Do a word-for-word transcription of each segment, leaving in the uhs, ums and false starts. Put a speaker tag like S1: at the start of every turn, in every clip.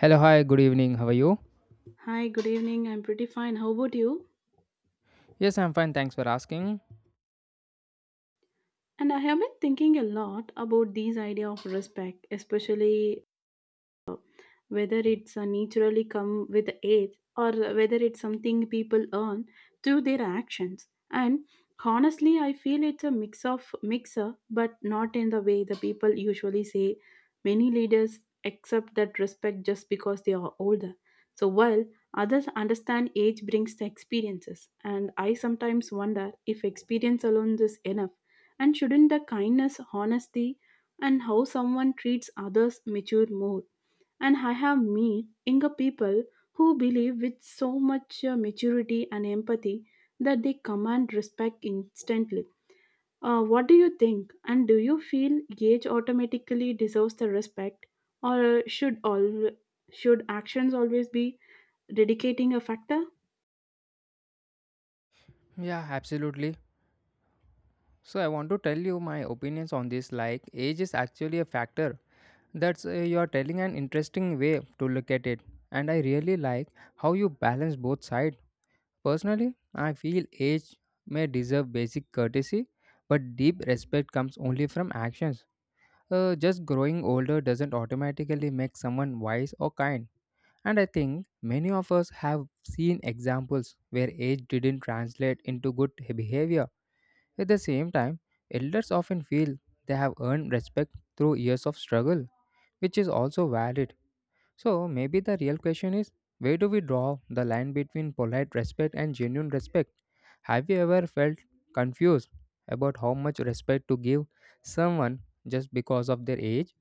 S1: Hello, hi, good evening. How are you?
S2: Hi, good evening. I'm pretty fine. How about you?
S1: Yes, I'm fine. Thanks for asking.
S2: And I have been thinking a lot about these idea of respect, especially whether it's uh, naturally come with age, or whether it's something people earn through their actions. And honestly, I feel it's a mix of mixer, but not in the way the people usually say. Many leaders accept that respect just because they are older, so while others understand age brings the experiences. And I sometimes wonder if experience alone is enough, and shouldn't the kindness, honesty, and how someone treats others mature more? And I have met younger people who believe with so much uh, maturity and empathy that they command respect instantly. Uh, what do you think? And do you feel age automatically deserves the respect, or should all should actions always be dedicating a factor?
S1: Yeah, absolutely. So, I want to tell you my opinions on this. Like, age is actually a factor. That's uh, you are telling an interesting way to look at it. And I really like how you balance both sides. Personally, I feel age may deserve basic courtesy, but deep respect comes only from actions. Uh, just growing older doesn't automatically make someone wise or kind. And I think many of us have seen examples where age didn't translate into good behavior. At the same time, elders often feel they have earned respect through years of struggle, which is also valid. So maybe the real question is, where do we draw the line between polite respect and genuine respect? Have you ever felt confused about how much respect to give someone just because of their age?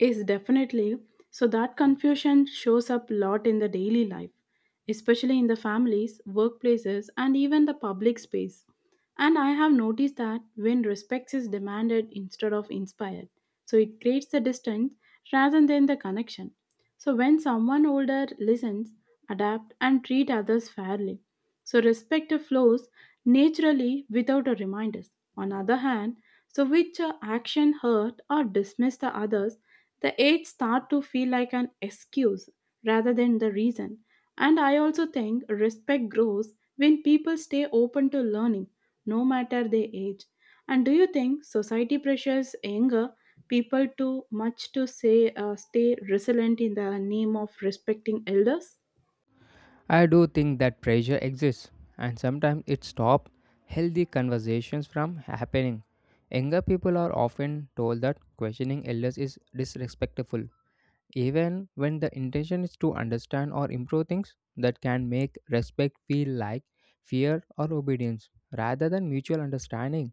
S2: Is definitely so that confusion shows up a lot in the daily life, especially in the families, workplaces, and even the public space. And I have noticed that when respect is demanded instead of inspired, so it creates the distance rather than the connection. So when someone older listens, adapt, and treat others fairly, so respect flows naturally without a reminders. On other hand, so which uh, action hurt or dismiss the others the aid start to feel like an excuse rather than the reason. And I also think respect grows when people stay open to learning no matter their age. And do you think society pressures younger people too much to say uh, stay resilient in the name of respecting elders?
S1: I do think that pressure exists, and sometimes it stops healthy conversations from happening. Younger people are often told that questioning elders is disrespectful, even when the intention is to understand or improve things that can make respect feel like fear or obedience rather than mutual understanding.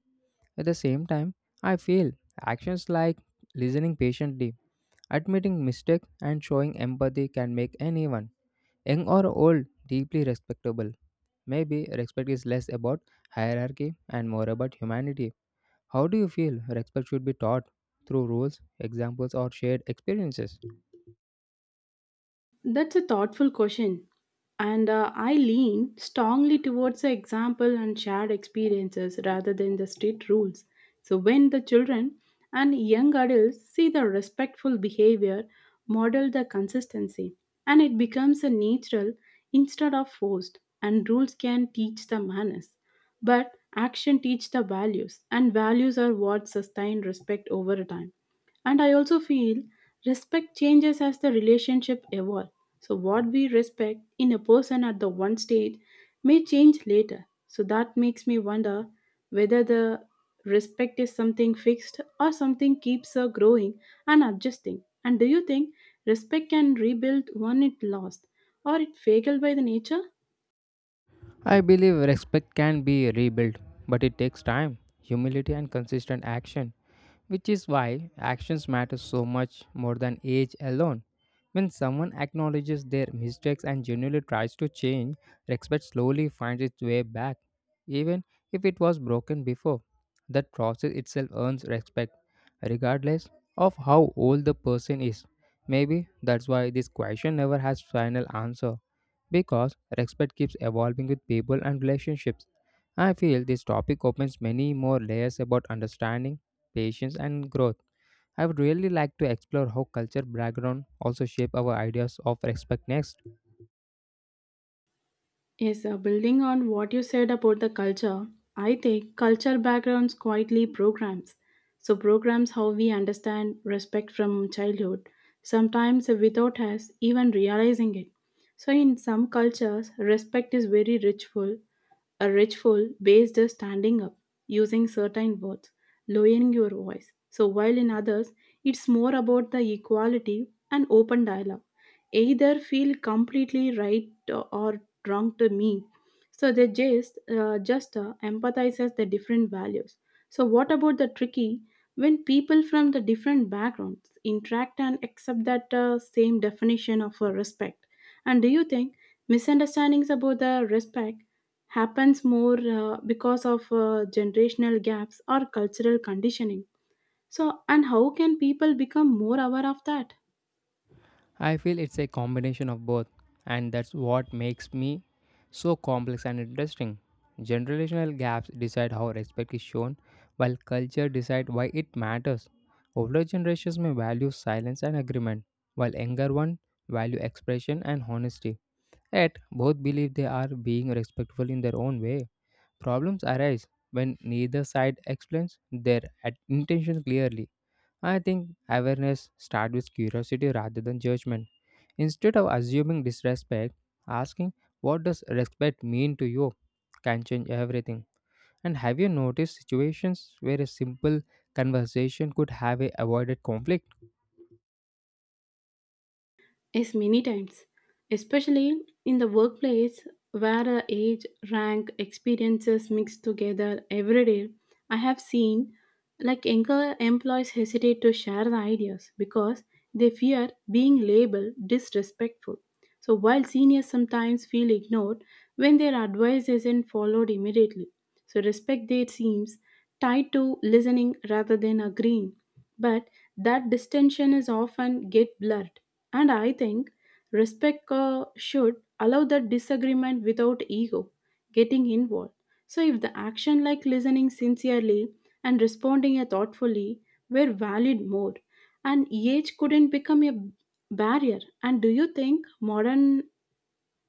S1: At the same time, I feel actions like listening patiently, admitting mistakes, and showing empathy can make anyone young or old, deeply respectable. Maybe respect is less about hierarchy and more about humanity. How do you feel respect should be taught? Through rules, examples, or shared experiences?
S2: That's a thoughtful question. And uh, I lean strongly towards the example and shared experiences rather than the strict rules. So, when the children and young adults see the respectful behavior, model the consistency, and it becomes a natural instead of forced, and rules can teach the manners. But action teach the values, and values are what sustain respect over time. And I also feel respect changes as the relationship evolve. So what we respect in a person at the one stage may change later. So that makes me wonder whether the respect is something fixed or something keeps her growing and adjusting. And do you think respect can rebuild when it lost or it failed by the nature?
S1: I believe respect can be rebuilt, but it takes time, humility, and consistent action, which is why actions matter so much more than age alone. When someone acknowledges their mistakes and genuinely tries to change, respect slowly finds its way back, even if it was broken before. That process itself earns respect, regardless of how old the person is. Maybe that's why this question never has final answer, because respect keeps evolving with people and relationships. I feel this topic opens many more layers about understanding, patience, and growth. I would really like to explore how culture background also shape our ideas of respect next.
S2: Yes, uh, building on what you said about the culture, I think culture backgrounds quietly programs. So, programs how we understand respect from childhood, sometimes without us even realizing it. So, in some cultures, respect is very ritual, a ritual based on standing up, using certain words, lowering your voice. So, while in others, it's more about the equality and open dialogue. Either feel completely right or wrong to me. So they just uh, just uh, empathizes the different values. So what about the tricky when people from the different backgrounds interact and accept that uh, same definition of uh, respect? And do you think misunderstandings about the respect happens more uh, because of uh, generational gaps or cultural conditioning? So and how can people become more aware of that?
S1: I feel it's a combination of both, and that's what makes me so complex and interesting. Generational gaps decide how respect is shown while culture decide why it matters. Older generations may value silence and agreement while younger ones value expression and honesty. Yet both believe they are being respectful in their own way. Problems arise when neither side explains their at- intention clearly. I think awareness starts with curiosity rather than judgment. Instead of assuming disrespect, asking what does respect mean to you can change everything. And have you noticed situations where a simple conversation could have a avoided conflict?
S2: Yes, many times, especially in the workplace where uh, age, rank, experiences mix together every day. I have seen like younger employees hesitate to share the ideas because they fear being labeled disrespectful. So while seniors sometimes feel ignored when their advice isn't followed immediately. So respect there seems tied to listening rather than agreeing. But that distinction is often get blurred. And I think respect uh, should allow that disagreement without ego getting involved. So, if the action like listening sincerely and responding thoughtfully were valued more, and age couldn't become a barrier. And do you think modern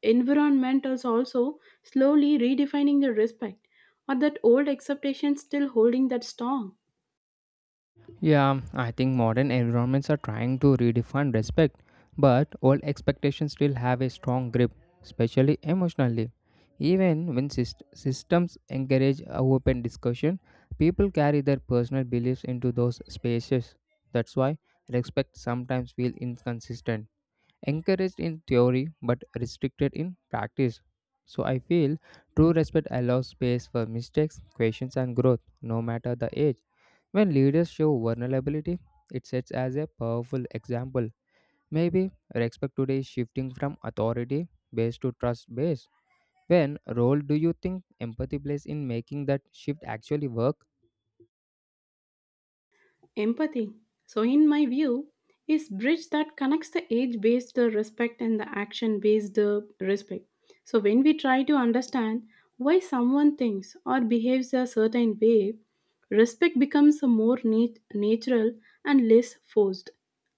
S2: environment is also slowly redefining the respect, or that old acceptation still holding that strong?
S1: Yeah, I think modern environments are trying to redefine respect, but old expectations still have a strong grip, especially emotionally. Even when syst- systems encourage a open discussion, people carry their personal beliefs into those spaces. That's why respect sometimes feels inconsistent, encouraged in theory but restricted in practice. So I feel true respect allows space for mistakes, questions, and growth, no matter the age. When leaders show vulnerability, it sets as a powerful example. Maybe respect today is shifting from authority based to trust based. When role do you think empathy plays in making that shift actually work?
S2: Empathy, so in my view, is bridge that connects the age-based uh, respect and the action-based uh, respect. So when we try to understand why someone thinks or behaves a certain way, respect becomes a more nat- natural and less forced.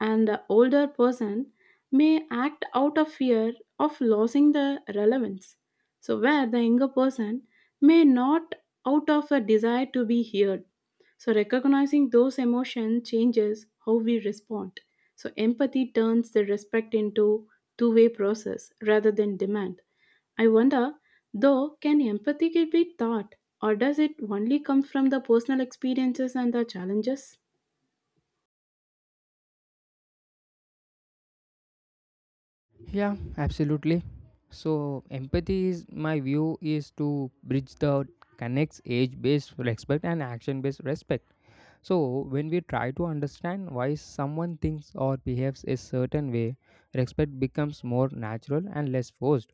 S2: And the older person may act out of fear of losing the relevance. So where the younger person may not out of a desire to be heard, so, recognizing those emotions changes how we respond. So, empathy turns the respect into two way process rather than demand. I wonder, though, can empathy be taught, or does it only come from the personal experiences and the challenges?
S1: Yeah, absolutely. So empathy is my view is to bridge the connects age based respect and action based respect. So when we try to understand why someone thinks or behaves a certain way, respect becomes more natural and less forced.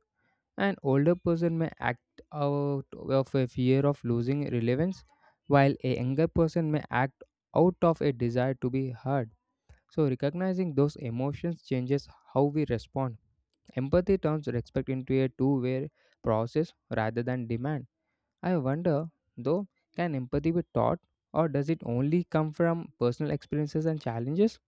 S1: An older person may act out of a fear of losing relevance, while a younger person may act out of a desire to be heard. So, recognizing those emotions changes how we respond. Empathy turns respect into a two way process rather than demand. I wonder, though, can empathy be taught or does it only come from personal experiences and challenges?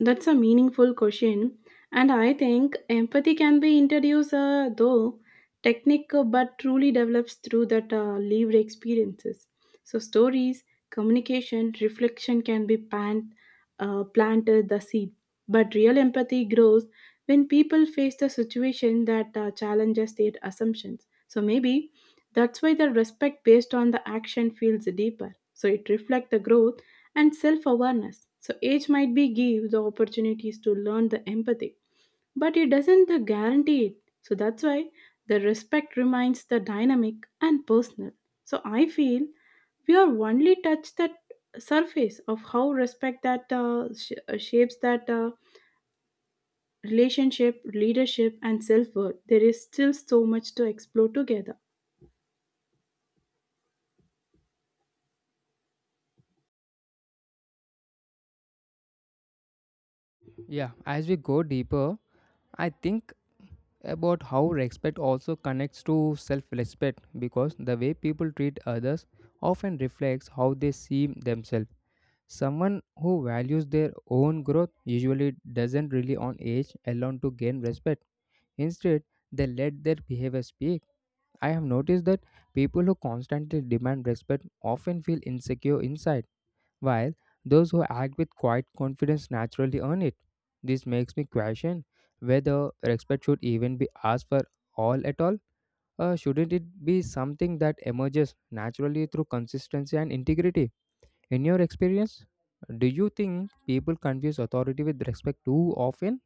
S2: That's a meaningful question, and I think empathy can be introduced, uh, though technical, but truly develops through that uh, lived experiences. So stories, communication, reflection can be plant, uh, planted the seed, but real empathy grows when people face the situation that uh, challenges their assumptions. So maybe that's why the respect based on the action feels deeper. So it reflects the growth and self awareness. So, age might be give the opportunities to learn the empathy, but it doesn't the guarantee it. So, that's why the respect remains the dynamic and personal. So, I feel we are only touched that surface of how respect that uh, sh- uh, shapes that uh, relationship, leadership, and self worth. There is still so much to explore together.
S1: Yeah, as we go deeper, I think about how respect also connects to self respect because the way people treat others often reflects how they see themselves. Someone who values their own growth usually doesn't rely on age alone to gain respect. Instead, they let their behavior speak. I have noticed that people who constantly demand respect often feel insecure inside, while those who act with quiet confidence naturally earn it. This makes me question whether respect should even be asked for all at all, or shouldn't it be something that emerges naturally through consistency and integrity? In your experience, do you think people confuse authority with respect too often?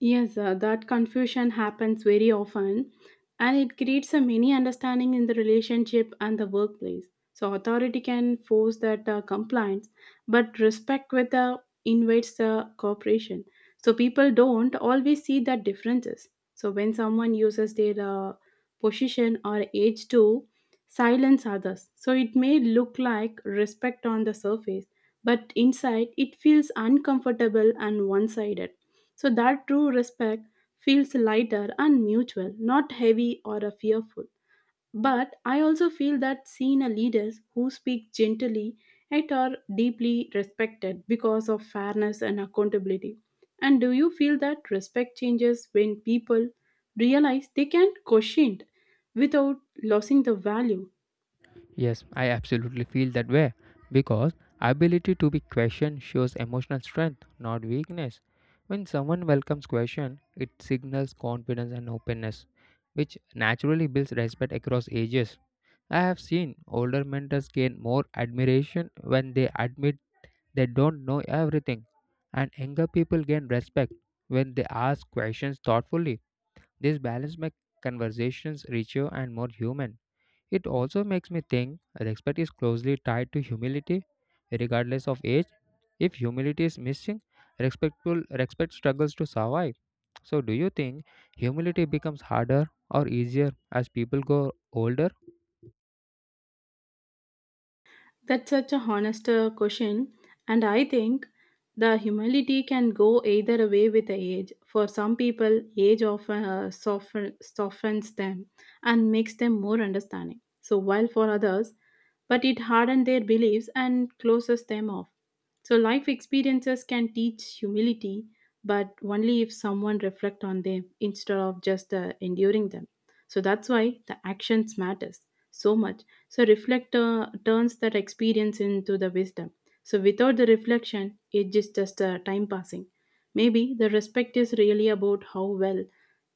S2: Yes, uh, that confusion happens very often, and it creates a mini understanding in the relationship and the workplace. So, authority can force that uh, compliance, but respect with the invites the cooperation. So, people don't always see the differences. So, when someone uses their uh, position or age to silence others, so it may look like respect on the surface, but inside it feels uncomfortable and one sided. So that true respect feels lighter and mutual, not heavy or uh, fearful. But I also feel that seen a leaders who speak gently yet are deeply respected because of fairness and accountability. And do you feel that respect changes when people realize they can question without losing the value?
S1: Yes, I absolutely feel that way because ability to be questioned shows emotional strength, not weakness. When someone welcomes question, it signals confidence and openness, which naturally builds respect across ages. I have seen older mentors gain more admiration when they admit they don't know everything, and younger people gain respect when they ask questions thoughtfully. This balance makes conversations richer and more human. It also makes me think respect is closely tied to humility, regardless of age. If humility is missing, respectful respect struggles to survive. So, do you think humility becomes harder or easier as people go older?
S2: That's such a honest uh, question, and I think the humility can go either way with the age. For some people, age often uh, soften, softens them and makes them more understanding. So while for others, but it hardens their beliefs and closes them off. So life experiences can teach humility, but only if someone reflect on them instead of just uh, enduring them. So that's why the actions matters so much. So reflect uh, turns that experience into the wisdom. So without the reflection it is just uh, time passing. Maybe the respect is really about how well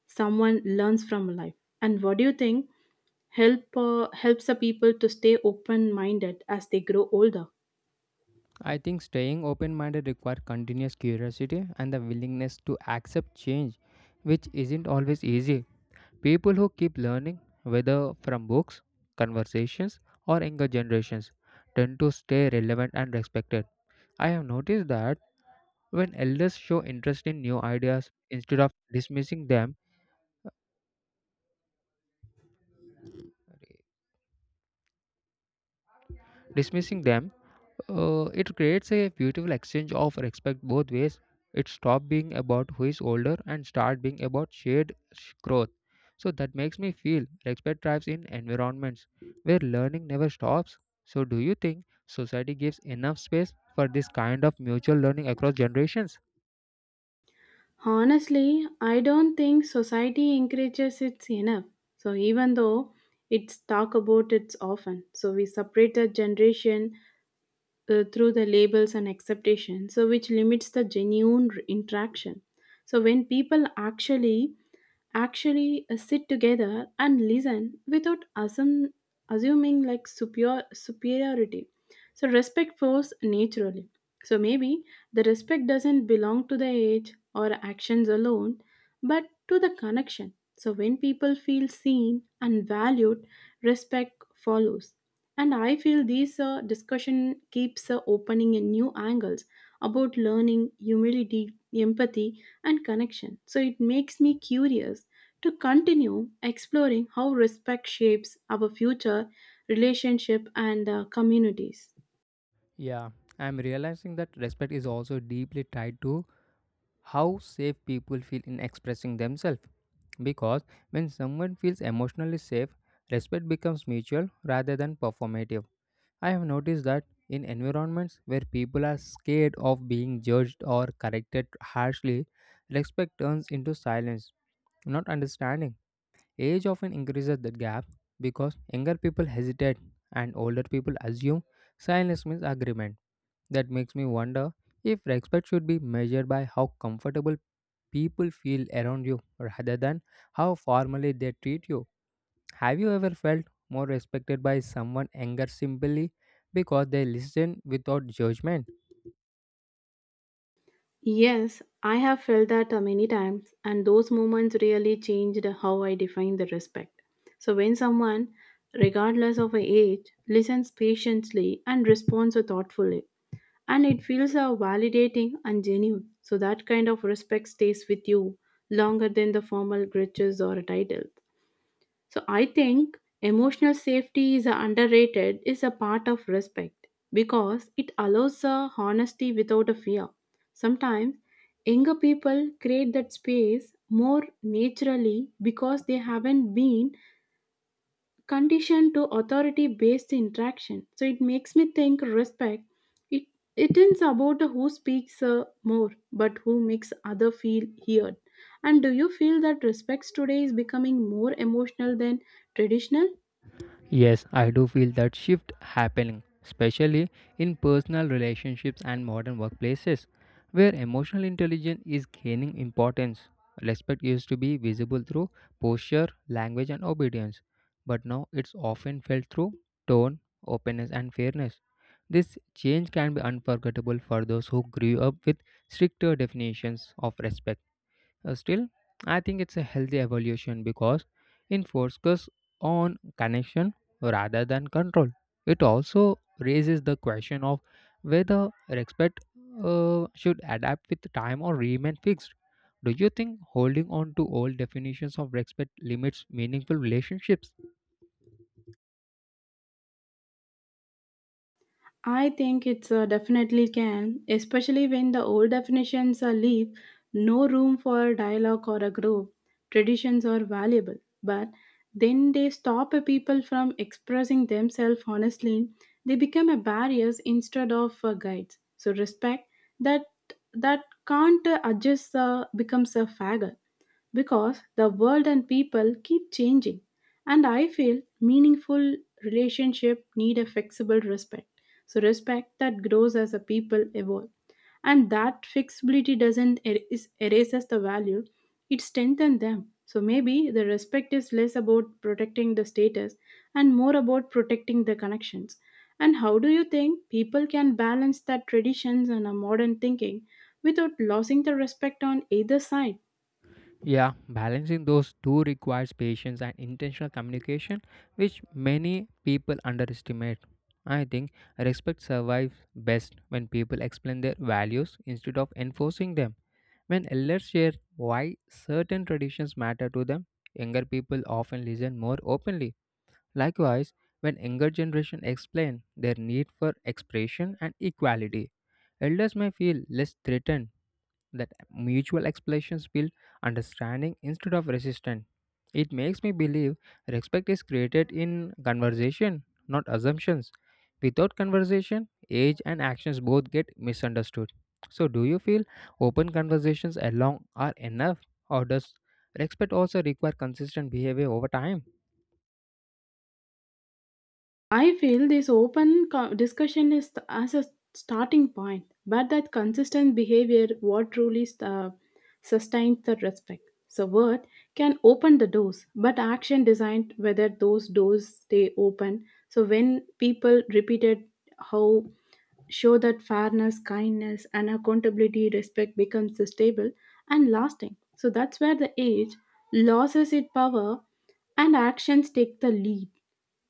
S2: someone learns from life. And what do you think help uh, helps the people to stay open minded as they grow older?
S1: I think staying open minded requires continuous curiosity and the willingness to accept change, which isn't always easy. People who keep learning, whether from books, conversations, or younger generations, tend to stay relevant and respected. I have noticed that when elders show interest in new ideas instead of dismissing them, dismissing them, uh, it creates a beautiful exchange of respect both ways. It stops being about who is older and start being about shared sh- growth. So that makes me feel respect thrives in environments where learning never stops. So do you think society gives enough space for this kind of mutual learning across generations?
S2: Honestly, I don't think society encourages it enough. So even though it's talk about it often, so we separate the generation uh, through the labels and acceptation, so which limits the genuine r- interaction. So when people actually actually uh, sit together and listen without assum- assuming like superior superiority, so respect flows naturally. So maybe the respect doesn't belong to the age or actions alone, but to the connection. So when people feel seen and valued, respect follows. And I feel this uh, discussion keeps uh, opening in new angles about learning, humility, empathy, and connection. So it makes me curious to continue exploring how respect shapes our future relationship and uh, communities.
S1: Yeah, I'm realizing that respect is also deeply tied to how safe people feel in expressing themselves. Because when someone feels emotionally safe, respect becomes mutual rather than performative. I have noticed that in environments where people are scared of being judged or corrected harshly, respect turns into silence, not understanding. Age often increases that gap because younger people hesitate and older people assume silence means agreement. That makes me wonder if respect should be measured by how comfortable people feel around you rather than how formally they treat you. Have you ever felt more respected by someone younger simply because they listen without judgment?
S2: Yes, I have felt that uh, many times, and those moments really changed how I define the respect. So, when someone, regardless of age, listens patiently and responds thoughtfully, and it feels uh, validating and genuine, so that kind of respect stays with you longer than the formal gestures or a title. So I think emotional safety is underrated is a part of respect because it allows a honesty without a fear. Sometimes younger people create that space more naturally because they haven't been conditioned to authority based interaction. So it makes me think respect. It it is about who speaks uh, more, but who makes other feel heard. And do you feel that respects today is becoming more emotional than traditional?
S1: Yes, I do feel that shift happening, especially in personal relationships and modern workplaces, where emotional intelligence is gaining importance. Respect used to be visible through posture, language, and obedience, but now it's often felt through tone, openness, and fairness. This change can be unforgettable for those who grew up with stricter definitions of respect. Uh, still, I think it's a healthy evolution because it focuses on connection rather than control. It also raises the question of whether respect uh, should adapt with time or remain fixed. Do you think holding on to old definitions of respect limits meaningful relationships?
S2: I think it's uh, definitely can, especially when the old definitions are leave no room for dialogue or a group. Traditions are valuable, but then they stop a people from expressing themselves honestly. They become a barriers instead of uh, guides. So respect that that can't uh, adjust uh, becomes a faggot because the world and people keep changing. And I feel meaningful relationship need a flexible respect. So respect that grows as a people evolve. And that flexibility doesn't erase, erases the value, it strengthens them. So maybe the respect is less about protecting the status and more about protecting the connections. And how do you think people can balance that traditions and a modern thinking without losing the respect on either side?
S1: Yeah, balancing those two requires patience and intentional communication, which many people underestimate. I think respect survives best when people explain their values instead of enforcing them. When elders share why certain traditions matter to them, younger people often listen more openly. Likewise, when younger generation explain their need for expression and equality, elders may feel less threatened that mutual explanations build understanding instead of resistance. It makes me believe respect is created in conversation, not assumptions. Without conversation, age and actions both get misunderstood. So, do you feel open conversations alone are enough, or does respect also requires consistent behavior over time?
S2: I feel this open co- discussion is th- as a starting point, but that consistent behavior what truly uh, sustains the respect. So word can open the doors, but action designed whether those doors stay open. So when people repeated how show that fairness, kindness, and accountability, respect becomes stable and lasting. So that's where the age loses its power and actions take the lead,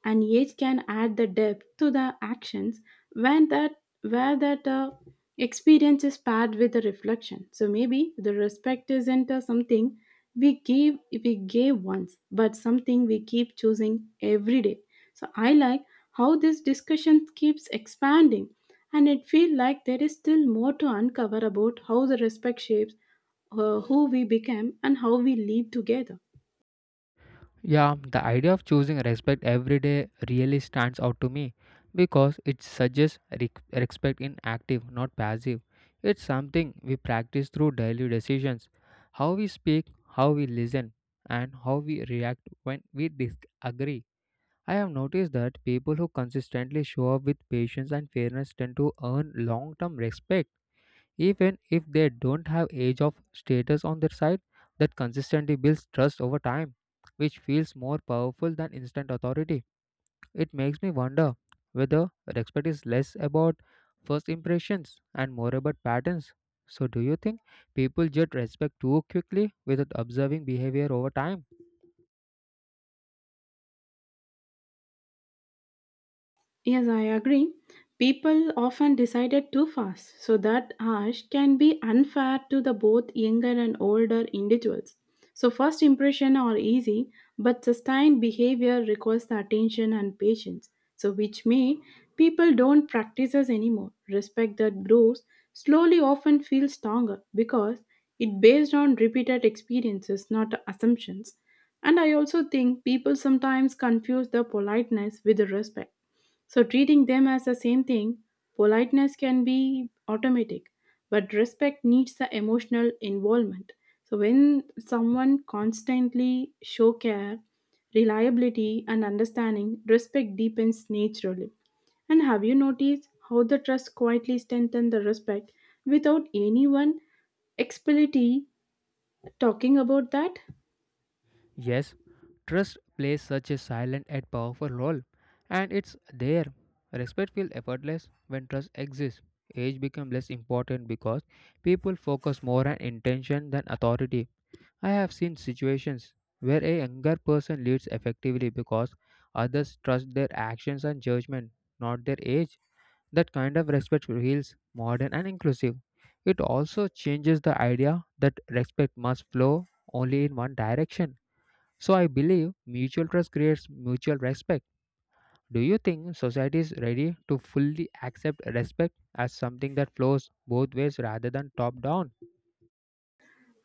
S2: and age can add the depth to the actions when that where that uh, experience is paired with the reflection. So maybe the respect isn't uh, something we give we gave once, but something we keep choosing every day. So I like how this discussion keeps expanding, and it feels like there is still more to uncover about how the respect shapes uh, who we become and how we live together.
S1: Yeah, the idea of choosing respect every day really stands out to me because it suggests re- respect in active, not passive. It's something we practice through daily decisions, how we speak, how we listen, and how we react when we disagree. I have noticed that people who consistently show up with patience and fairness tend to earn long term respect, even if they don't have age of status on their side. That consistently builds trust over time, which feels more powerful than instant authority. It makes me wonder whether respect is less about first impressions and more about patterns. So, do you think people judge respect too quickly without observing behavior over time?
S2: Yes, I agree. People often decided too fast, so that harsh can be unfair to the both younger and older individuals. So first impression are easy, but sustained behavior requires the attention and patience. So which may people don't practice us anymore. Respect that grows slowly often feels stronger because it based on repeated experiences, not assumptions. And I also think people sometimes confuse the politeness with the respect, so treating them as the same thing. Politeness can be automatic, but respect needs the emotional involvement. So when someone constantly show care, reliability, and understanding, respect deepens naturally. And have you noticed how the trust quietly strengthens the respect without anyone explicitly talking about that?
S1: Yes, trust plays such a silent and powerful role, and it's there. Respect feels effortless when trust exists. Age becomes less important because people focus more on intention than authority. I have seen situations where a younger person leads effectively because others trust their actions and judgment, not their age. That kind of respect feels modern and inclusive. It also changes the idea that respect must flow only in one direction. So I believe mutual trust creates mutual respect. Do you think society is ready to fully accept respect as something that flows both ways rather than top down?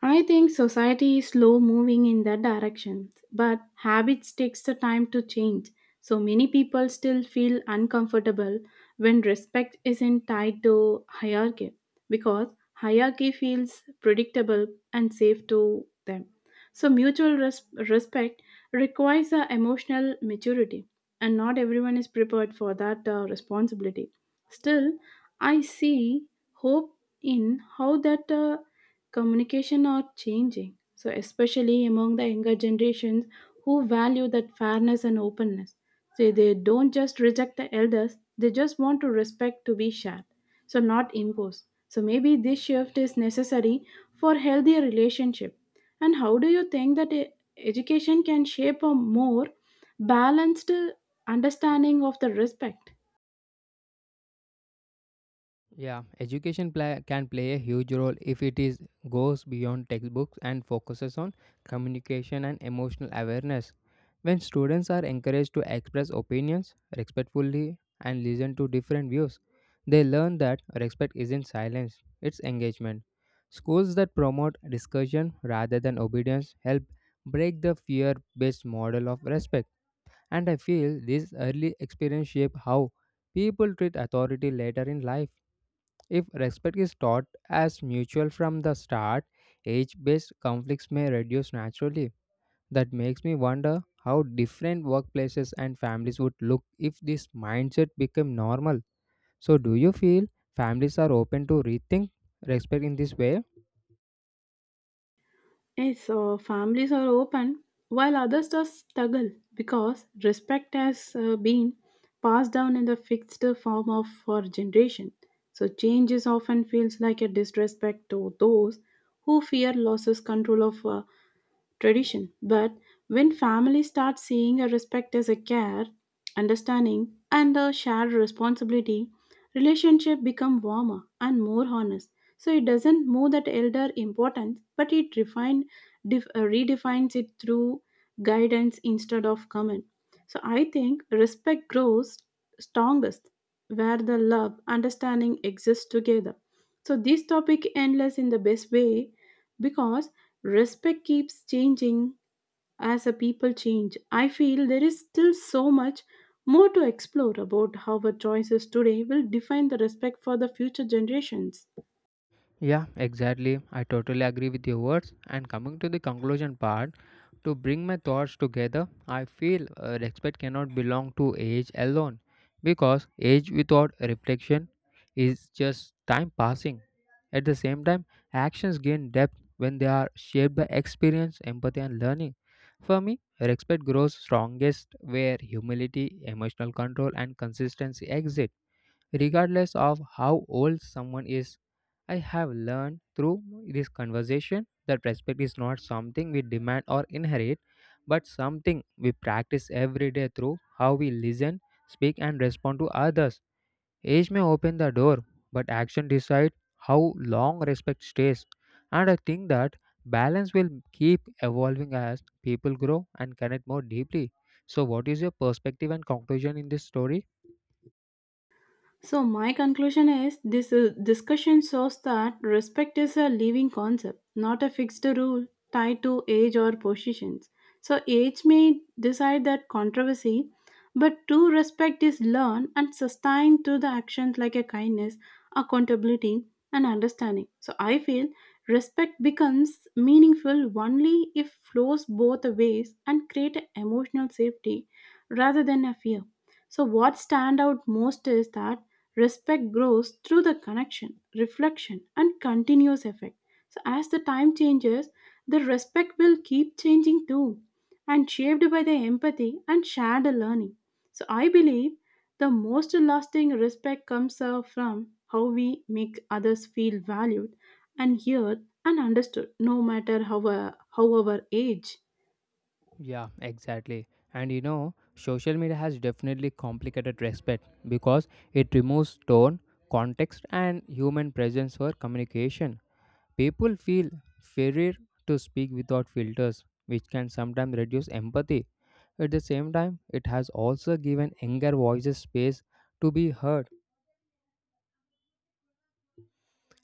S2: I think society is slow moving in that direction, but habits takes the time to change. So many people still feel uncomfortable when respect isn't tied to hierarchy, because hierarchy feels predictable and safe to them. So mutual res- respect requires a emotional maturity, and not everyone is prepared for that uh, responsibility. Still, I see hope in how that uh, communication are changing, so especially among the younger generations who value that fairness and openness. So they don't just reject the elders, they just want to respect to be shared, so not imposed. So maybe this shift is necessary for healthier relationship. And how do you think that e- education can shape a more balanced uh, understanding of the respect?
S1: Yeah, education pla- can play a huge role if it is goes beyond textbooks and focuses on communication and emotional awareness. When students are encouraged to express opinions respectfully and listen to different views, they learn that respect isn't silence, it's engagement. Schools that promote discussion rather than obedience help break the fear-based model of respect. And I feel this early experience shape how people treat authority later in life. If respect is taught as mutual from the start, age based conflicts may reduce naturally. That makes me wonder how different workplaces and families would look if this mindset became normal. So, do you feel families are open to rethink respect in this way?
S2: Yes, so families are open while others just struggle because respect has uh, been passed down in the fixed form of for generation. So changes often feels like a disrespect to those who fear losses control of uh, tradition. But when families start seeing a respect as a care, understanding, and a shared responsibility, relationship become warmer and more honest. So it doesn't move that elder importance, but it refine, def, uh, redefines it through guidance instead of comment. So I think respect grows strongest where the love, understanding exists together. So this topic endless in the best way because respect keeps changing as a people change. I feel there is still so much more to explore about how our choices today will define the respect for the future generations.
S1: Yeah, exactly. I totally agree with your words. And coming to the conclusion part, to bring my thoughts together, I feel uh, respect cannot belong to age alone because age without reflection is just time passing. At the same time, actions gain depth when they are shaped by experience, empathy, and learning. For me, respect grows strongest where humility, emotional control, and consistency exist, regardless of how old someone is. I have learned through this conversation that respect is not something we demand or inherit, but something we practice every day through how we listen, speak, and respond to others. Age may open the door, but action decides how long respect stays. And I think that balance will keep evolving as people grow and connect more deeply. So, what is your perspective and conclusion in this story?
S2: So my conclusion is this uh, discussion shows that respect is a living concept, not a fixed rule tied to age or positions. So age may decide that controversy, but true respect is learned and sustained through the actions like a kindness, accountability, and understanding. So I feel respect becomes meaningful only if flows both ways and create emotional safety rather than a fear. So what stand out most is that respect grows through the connection, reflection, and continuous effect. So, as the time changes, the respect will keep changing too, and shaped by the empathy and shared learning. So, I believe the most lasting respect comes out from how we make others feel valued and heard and understood, no matter how, our- how our age.
S1: Yeah, exactly. And you know, social media has definitely complicated respect because it removes tone, context, and human presence for communication. People feel fairer to speak without filters, which can sometimes reduce empathy. At the same time, it has also given younger voices space to be heard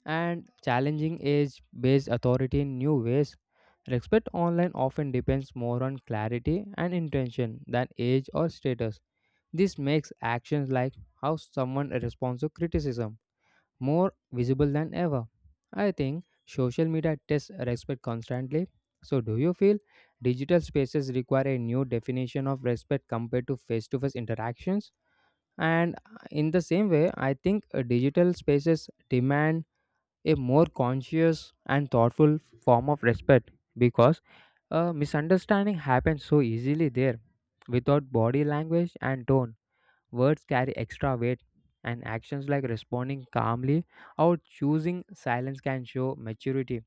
S1: and challenging age based authority in new ways. Respect online often depends more on clarity and intention than age or status. This makes actions like how someone responds to criticism more visible than ever. I think social media tests respect constantly. So, do you feel digital spaces require a new definition of respect compared to face to face interactions? And uh, in the same way, I think uh, digital spaces demand a more conscious and thoughtful form of respect because uh, misunderstanding happens so easily there without body language and tone. Words carry extra weight, and actions like responding calmly or choosing silence can show maturity.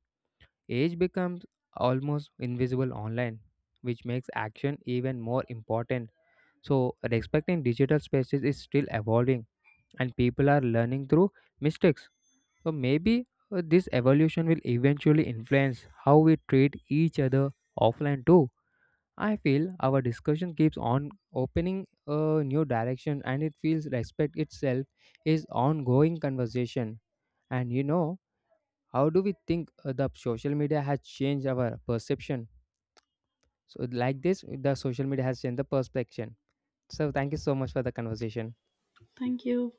S1: Age becomes almost invisible online, which makes action even more important. So, respecting digital spaces is still evolving, and people are learning through mistakes. So, maybe uh, this evolution will eventually influence how we treat each other offline too. I feel our discussion keeps on opening a new direction and it feels respect itself is ongoing conversation. And you know, how do we think uh, the social media has changed our perception? So like this, the social media has changed the perception. So thank you so much for the conversation.
S2: Thank you.